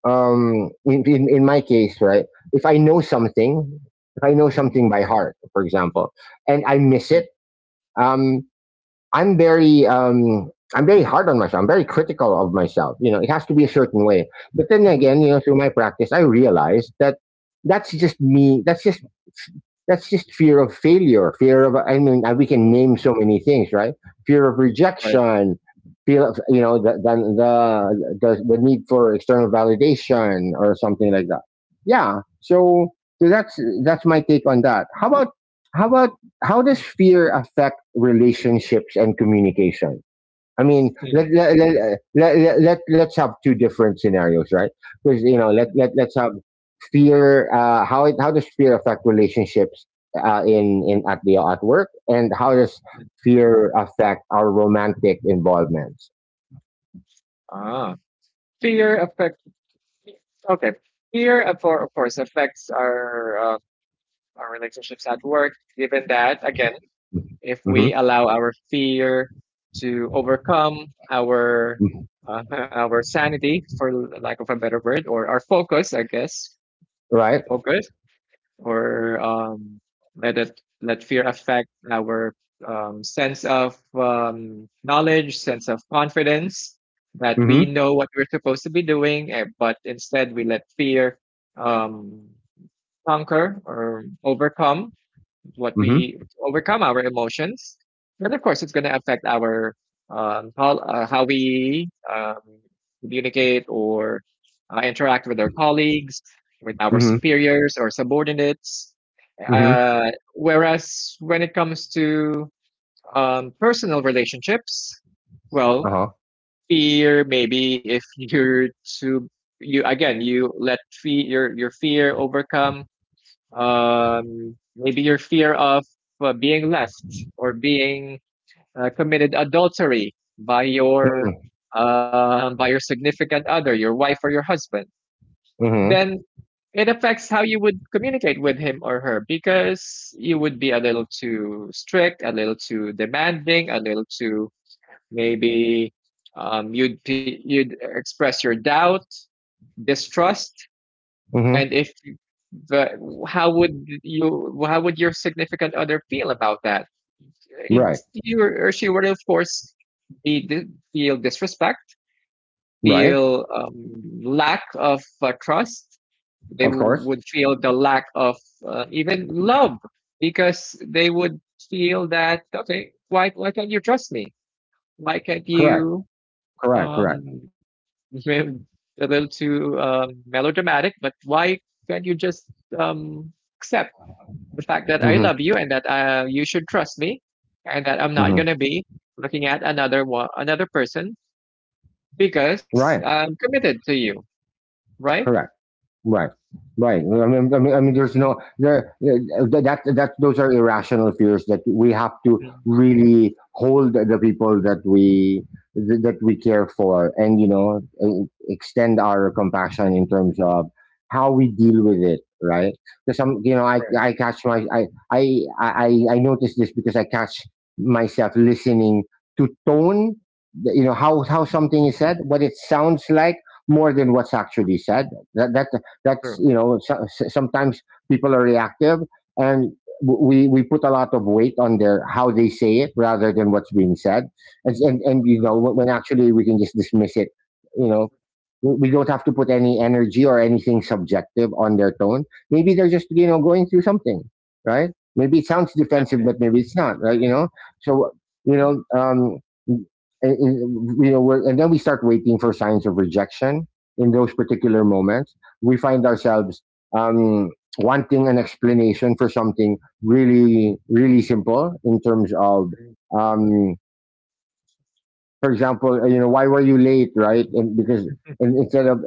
in my case, right? If I know something, if I know right, right, something by heart, for example, and I miss right. it. Um, I'm very hard on myself. I'm very critical of myself. You know, it has to be a certain way. But then Mhm. again, you know, through my practice, I realized that that's just me. That's just fear of failure. Fear of I mean, I- We can Oh, name so many things, right? Fear of right. rejection. Fear of, you know, the need for external validation or something like that. Yeah. So that's my take on that. How about how does Mm, fear affect relationships and communication? I mean, mm, let's have two different scenarios, right? Because, you know, mm, let's have fear. How does fear affect relationships in, at the, at work, and how does mm. fear affect our romantic involvements? Ah, fear affects. Okay, fear of, of course affects our relationships at work. Given that, again, Mm-hmm. if we Mm-hmm. allow our fear to overcome our Mm-hmm. uh, our sanity, for lack of a better word, or our focus, I guess, Right. focus, or let it, let fear affect our sense of knowledge, sense of confidence that we Mm-hmm. know what we're supposed to be doing, eh, but instead we let fear um, conquer or overcome what Mm-hmm. we overcome our emotions. And of course, it's going to affect our how we communicate or interact with our colleagues, with our Mm-hmm. superiors or subordinates. Mm-hmm. Whereas when it comes to personal relationships, Uh well, huh. fear, maybe if you're too, you again you let fear, your fear overcome maybe your fear of being left or being committed adultery by your significant other, your wife or your husband, Mm-hmm. then it affects how you would communicate with him or her because you would be a little too strict, a little too demanding, a little too maybe you'd, you'd express your doubt, distrust, Mm-hmm. and if the how would you, how would your significant other feel about that? It, Right. you or she would of course be feel disrespect, Right. feel lack of trust, they Of w- course. would feel the lack of even love because they would feel that, okay, why can't you trust me? Why can't Correct. you Correct. Correct. um a little too melodramatic, but why can't you just um accept the fact that I Mm-hmm. love you and that you should trust me and that I'm not Mhm. gonna be looking at another person because Right. I'm committed to you, right? Correct. Right, right. I mean, there's Mm, no there that those are irrational fears that we have to really hold the people that we, that we care for, and, you know, extend our mm, right. compassion in terms of how we deal with it, right? Because some, you know, I catch my I notice this because I catch myself listening to tone, you know, how something is said, what it sounds like, more than what's actually said. That that that's, Right. you know, so, sometimes people are reactive, and we put a lot of weight on their, how they say it, rather than what's being said. And and, you No, know, when actually we can just dismiss it, you know. We don't have to put any energy or anything subjective on their tone. Maybe they're just, you know, going through something, right? Maybe it sounds exactly. defensive, but maybe it's not, right, you Mm, know? So, you mm, know, you know, and then we start waiting for signs of rejection. In those particular moments we find ourselves, um, wanting an explanation for something really, really simple in terms of, mm, um, for example, you know, why were you late, right? And because, and instead of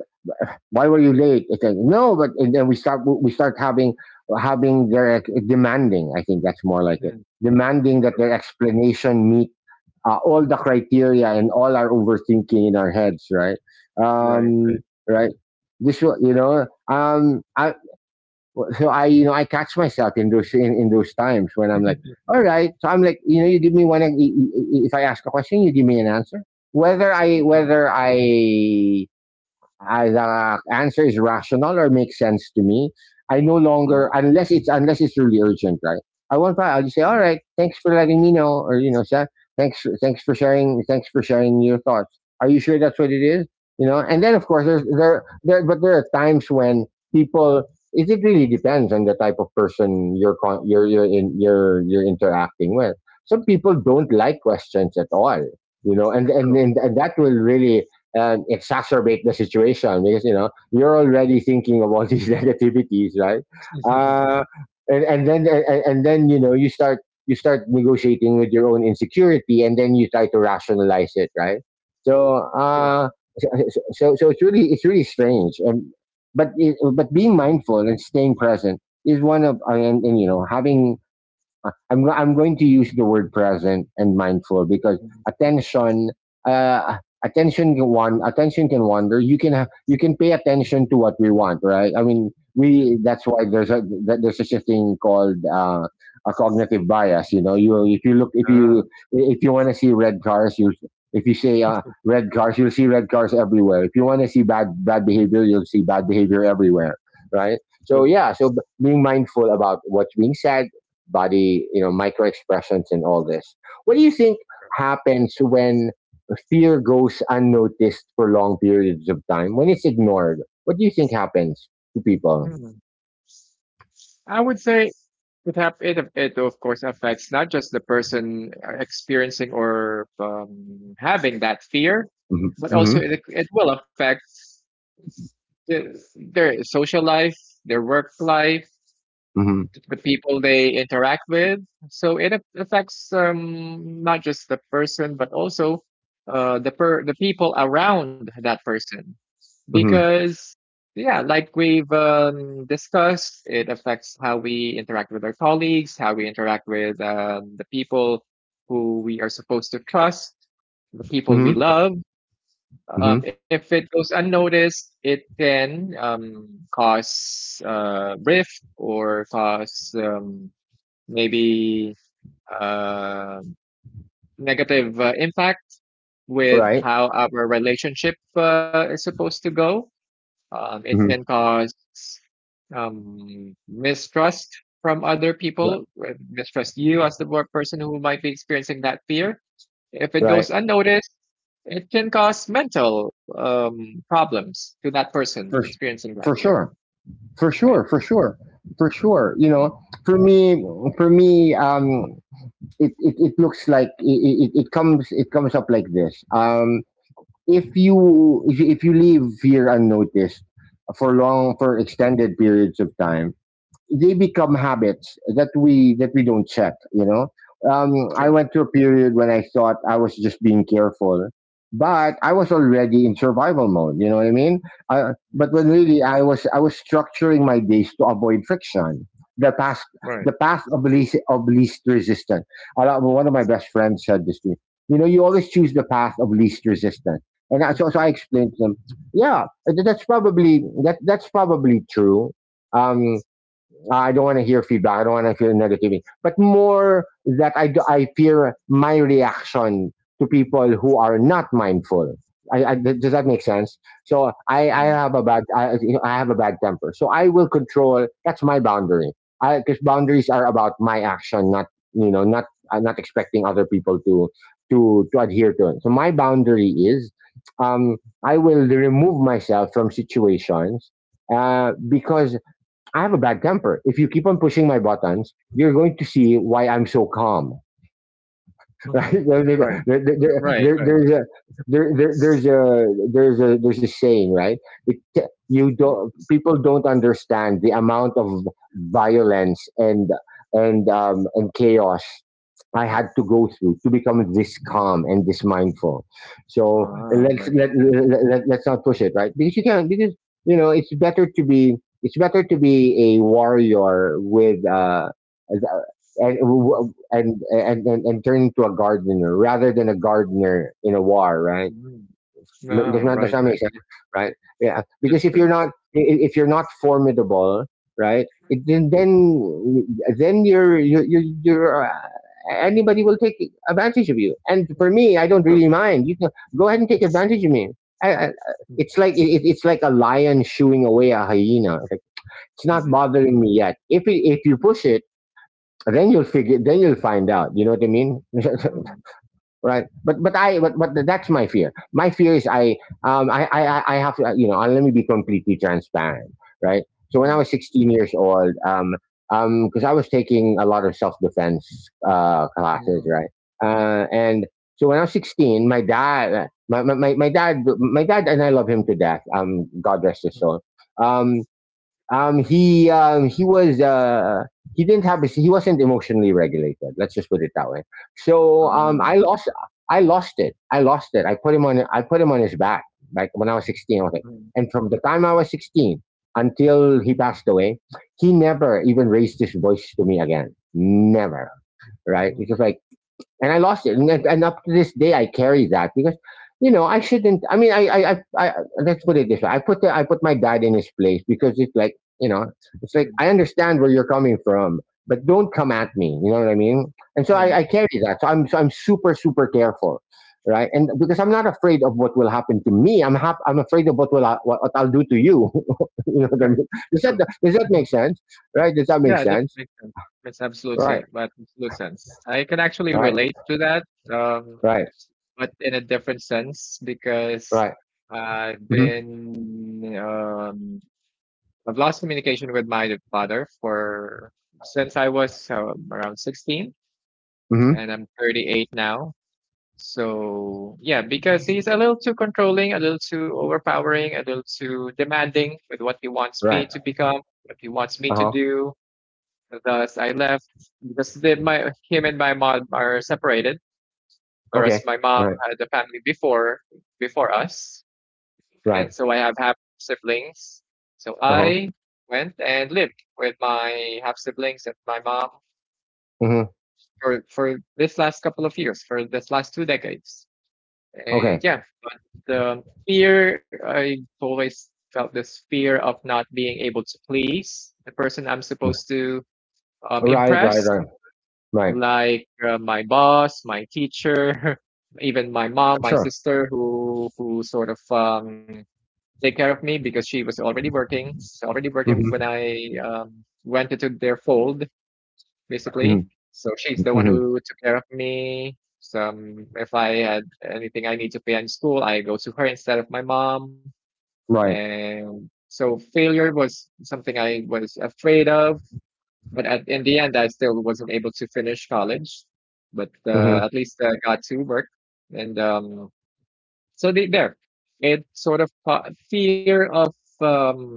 why were you late, it's like, no, but, and then we start having, their demanding. I think that's more like it, mm, demanding that true. their explanation meet all the criteria and all our overthinking in our heads, right? Right, right. Um, right. You know, so, I, you know, I catch myself in those, in those times when I'm like, all right. So I'm like, you know, you give me one. If I ask a question, you give me an answer. Whether I Mm, whether I I, the answer is rational or makes sense to me. I no mm, longer, unless it's, unless it's really urgent, right? I won't buy. I'll just say, all mm, right, thanks for letting me know, or, you know, sir, thanks for sharing your thoughts. Are you sure that's what it is? You know, and then of course mm, there's but there are times when people. It really depends on the type of person you're con- you're in you're you're interacting with. Some people don't like questions at all, you know, true. And that will really and exacerbate the situation, because you know you're already thinking of all these negativities, right? uh, and then, you know, you start negotiating with your own insecurity, and then you try to rationalize it, right? so True. uh so it's really, it's really strange. And but but being Mhm, mindful and staying present is one of, and, you know, having, I'm going to use the word present and mindful, because mhm, attention, uh attention can wander. You can have, you can pay attention to what we want, right? I mean, mm. we that's why there's a, that there's such a thing called a cognitive bias. You know, you if you look Ah. if you want to see red cars, you if you say red cars, you'll see red cars everywhere. If you want to see bad behavior, you'll see bad behavior everywhere, right? True. So yeah, so being mindful about what's being said, body, you know, micro expressions and all this. What do you think happens when fear goes unnoticed for long periods of time, when it's ignored? What do you think happens to people? Hmm. I would say it have it it of course affects not just the person experiencing or having that fear, Mm-hmm. but also Mm-hmm. it will affect the, their social life, their work life, Mm-hmm. the people they interact with. So it affects not just the person, but also the people around that person. Because yeah, like we've discussed, it affects how we interact with our colleagues, how we interact with the people who we are supposed to trust, the Mm-hmm. people we Mm-hmm. love. Mm-hmm. If it goes unnoticed, it can cause rift or cause maybe uh, negative impact with Right? how our relationship is supposed to go. It can Mm-hmm. cause mistrust from other Ri- people, mistrust you as the person who might be experiencing that fear. If it Right. goes unnoticed, it can cause mental problems to that person For, s- experiencing that for fear. sure. For Right. sure. For sure. For sure. You Mm. know, for me, for me, it looks like it comes up like this. If you leave here unnoticed for long, Mhm. for extended periods of time, they become habits that we don't check, you know. um, I Sure. went through a period when I thought I was just being careful, but I was already in survival mode, you know what I mean? Mm. But when really I was, I was structuring my days to avoid friction, the past Right. the path of least, of least resistance. A lot, one of my best friends said this to me, you know, you always choose the path of least resistance. And I, so I explained to them, yeah, that's probably that's probably true. um I don't want to hear feedback. I don't want to hear negativity, but more that I fear my reaction to people who are not mindful. Does that make sense? So I Mm. have a bad, I have a bad temper. So I will control. That's my boundary. Because boundaries are about my action, not, you know, not, not expecting other people to to adhere to it. So my boundary is, um, I will remove myself from situations, because I have a bad temper. If you keep on pushing my buttons, you're going to see why I'm so calm. Right? There- Right. there- Right. there- there- there- Right. there's a there, there, there's a there's a there's a saying, right? It, you Mm. don't people don't understand the amount of violence and and chaos I had to go through to become this Mm. calm and this mindful. So Ah, right. Let us not push it, right? Because you can because you know it's better to be a warrior with a- and Mhm. w- and turn into a gardener rather than a gardener in a war, right? Mm. M- Ah, Does not Does right. that make Right. sense, right? Yeah, That's because true. if you're not formidable, right? It, Then you're you you you're anybody will take advantage of you. And for me, I don't True. really mind. You can go ahead and take advantage of me. I, I, Mm. it's like it's like a lion shooing away a hyena. Like, it's not Mhm. bothering me yet. If you push it, then you'll find out, you know what I mean? Mm. Right? But that's my fear. My fear is I have to, let me be completely transparent, right. So when I Mm. was 16 years old, because I was taking a lot of self-defense classes, Mm. right. And So when I was 16, my dad my my, my my dad my dad, and I love him to death, god rest his Mm. soul, um he was, he didn't have he wasn't emotionally regulated. Let's just put it that way. So Ah. I lost I lost it. I put him on his back like when I was 16. I was like, Mm. and from the time I was 16 until he passed away, he never even raised his voice to me again. Never, right? It Mm. was like, and I lost it. And, up to this day, I carry that because, you know, I shouldn't. I mean, I let's put it this way: I put my dad in his place because it's like, you know, it's like Mm. I understand where you're coming from, but don't come at me. You know what I mean? And so Right. I carry that. So I'm super, super careful. Right, and because I'm not afraid of what will happen to me, I'm afraid of what what I'll do to you. You know what I Right. mean? Does that True. does that make sense? Right? Does that make Yeah, that sense? makes sense. That's absolute Right, thing, but absolute sense. I can actually right, relate to that, um, right, but in a different sense because right. I've Hmm. been um, I've lost communication with my father for since I was around 16, Hmm. and I'm 38 now. So yeah, because he's a little too controlling, a little too overpowering, a little too demanding with what he wants me to become, what he wants me to Uh-huh. do. Thus, I left because my him and my mom are separated, Okay. whereas my mom Right. had a family before before us, and Right. Right. so I have half siblings. So Uh-huh. I went and lived with my half siblings and my mom Mm-hmm. For this last couple of years, for this last two decades, Okay. and yeah, but fear I always felt this fear of not being able to please the person I'm Mm. supposed to Right, right, impress, right. Right. like my boss, my teacher, even my mom, my Sure. sister, who sort of take care of me because she was already working when Mm-hmm. I went into their fold, basically. Mm-hmm. So she's the one Mm-hmm. who took care of me. Some if I had anything I need to pay in school, I go to her instead of my mom. Right. And so failure was something I was afraid of, but at, in the end, I still wasn't able to finish college. But Mm-hmm. At least I got to work, and so it sort of fear of, um,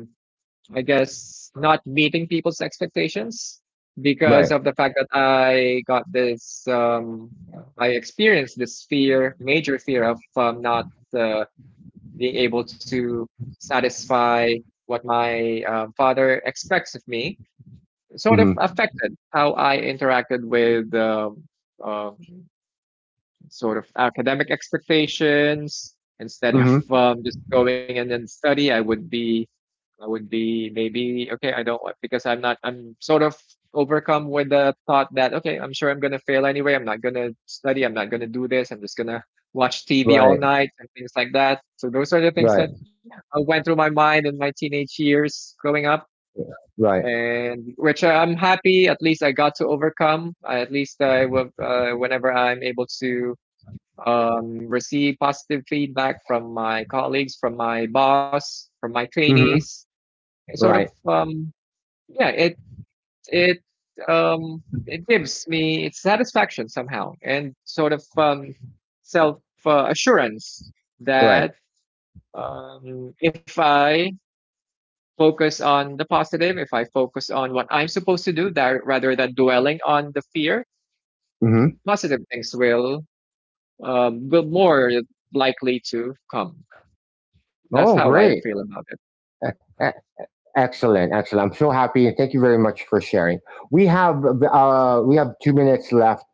I guess, not meeting people's expectations because Right. of the fact that I got this, I experienced this fear, major fear of not uh, being able to satisfy what my father expects of me sort of Mm-hmm. affected how I interacted with uh, sort of academic expectations. Instead of Mm-hmm. Just going in and study, I would be maybe okay. I don't want because I'm not. I'm sort of overcome with the thought that okay, I'm sure I'm gonna fail anyway. I'm not gonna study. I'm not gonna do this. I'm just gonna watch TV all Right. night and things like that. So those are the things Right. that went through my mind in my teenage years growing up, Right. and which I'm happy at least I got to overcome. At least I will, whenever I'm able to receive positive feedback from my colleagues, from my boss, from my Mm-hmm. trainees, it sort of Right. Yeah, it it gives me it's satisfaction somehow and sort of self assurance Right. that if I focus on the positive, if I focus on what I'm supposed to do that rather than dwelling on the fear, Mm-hmm. positive things will more likely to come. That's Oh, how I great. feel about it. E- e- Excellent. Excellent. I'm so happy, and thank you very much for sharing. We have 2 minutes left.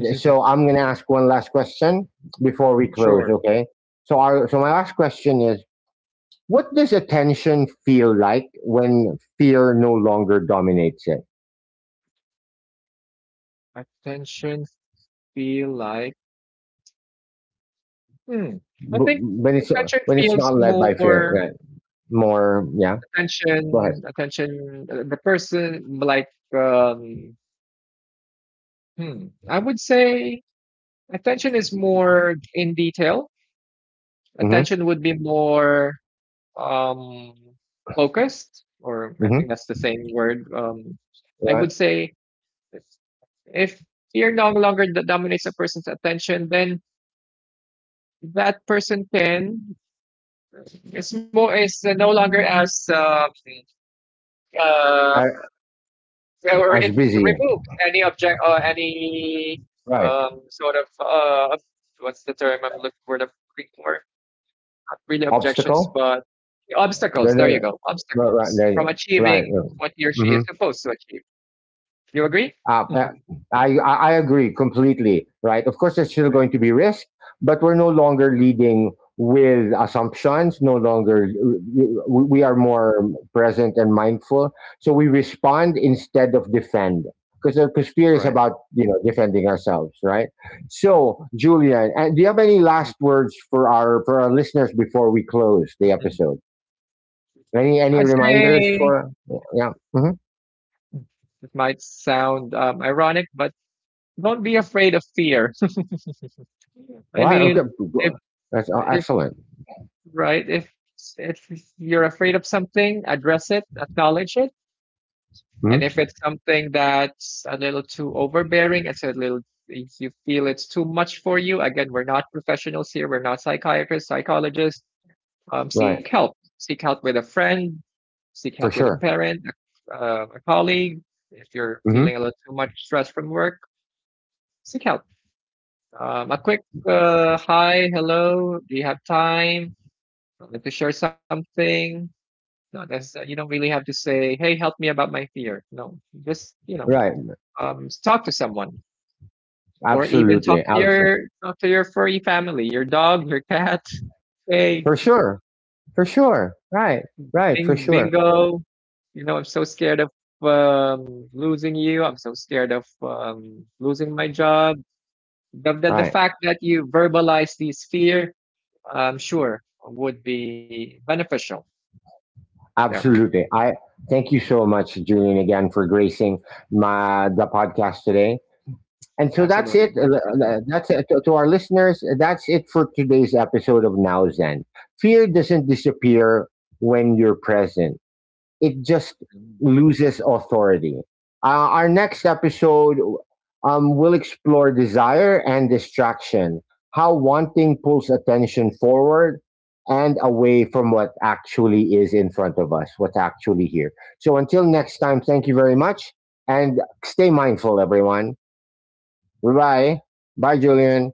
Is it so I'm gonna ask one last question before we close, sure? okay? So our so My last question is: what does attention feel like when fear no longer dominates it? Attention feel like hmm. I think W- When it's attention feels not led by more fear, right? More, yeah. attention Go ahead. attention the person like um hmm. I would say attention is more in detail, Mm-hmm. attention would be more um, focused, or I Mm-hmm. think that's the same word. I Right. would say if fear no longer dominates a person's attention, then that person can it's more is no longer as I, uh, I or was it busy. removes any object or any Right. Sort of what's the term I'm looking for the Greek word, not really Obstacle. objections, but obstacles. No, There you no, go. no. Right. Right. Obstacles There from you go. achieving Right. Right. what he or she is Mm-hmm. supposed to achieve. Do you agree? Uh, uh, Mhm. I agree completely. Right. Of course, there's still Right. going to be risk, but we're no longer leading with assumptions. No longer, we Mhm. Are more present and mindful. So we respond instead of defend, because fear All is right. about, you know, defending ourselves, right? So, Julian, and do you have any Mhm. last words for our listeners before we close the Mhm. episode? Any I'd reminders say for? Yeah. Mhm. it might sound ironic, but don't be afraid of fear. All I right. Okay. mean, if That's if excellent. right, if you're afraid of something, address it, acknowledge it. And if Mm-hmm. it's something that's a little too overbearing, it's a little, if you feel it's too much for you, again, we're not professionals here, we're not psychiatrists, psychologists. Seek Right. help. Seek help with a friend, seek help For with a sure. parent, a colleague. If you're Hmm. feeling a little too much stress from work, seek help. A quick hi, hello, do you have time? Wanted to share something. No, that's. You don't really have to say, hey, help me about my fear. No, just, you know, Right. Talk to someone or even Absolutely. Absolutely. Talk to your furry family, your dog, your cat. Hey, For sure. For sure. Right. Right. bing, For sure. bingo. You know, I'm so scared of losing you. I'm so scared of losing my job. The Right. fact that you verbalize these fear, I'm sure, would be beneficial. Yeah, Absolutely. I thank you so much, Julian, again for gracing my the podcast today. And so that's absolutely. it. My brother. That's it to our listeners. That's it for today's episode of Now Zen. Fear doesn't disappear when you're present. It just loses authority. Our next episode will explore desire and distraction, how wanting pulls attention forward and away from what actually is in front of us, what's actually here. So until next time, thank you very much, and stay mindful, everyone. Bye bye. Bye, Julian.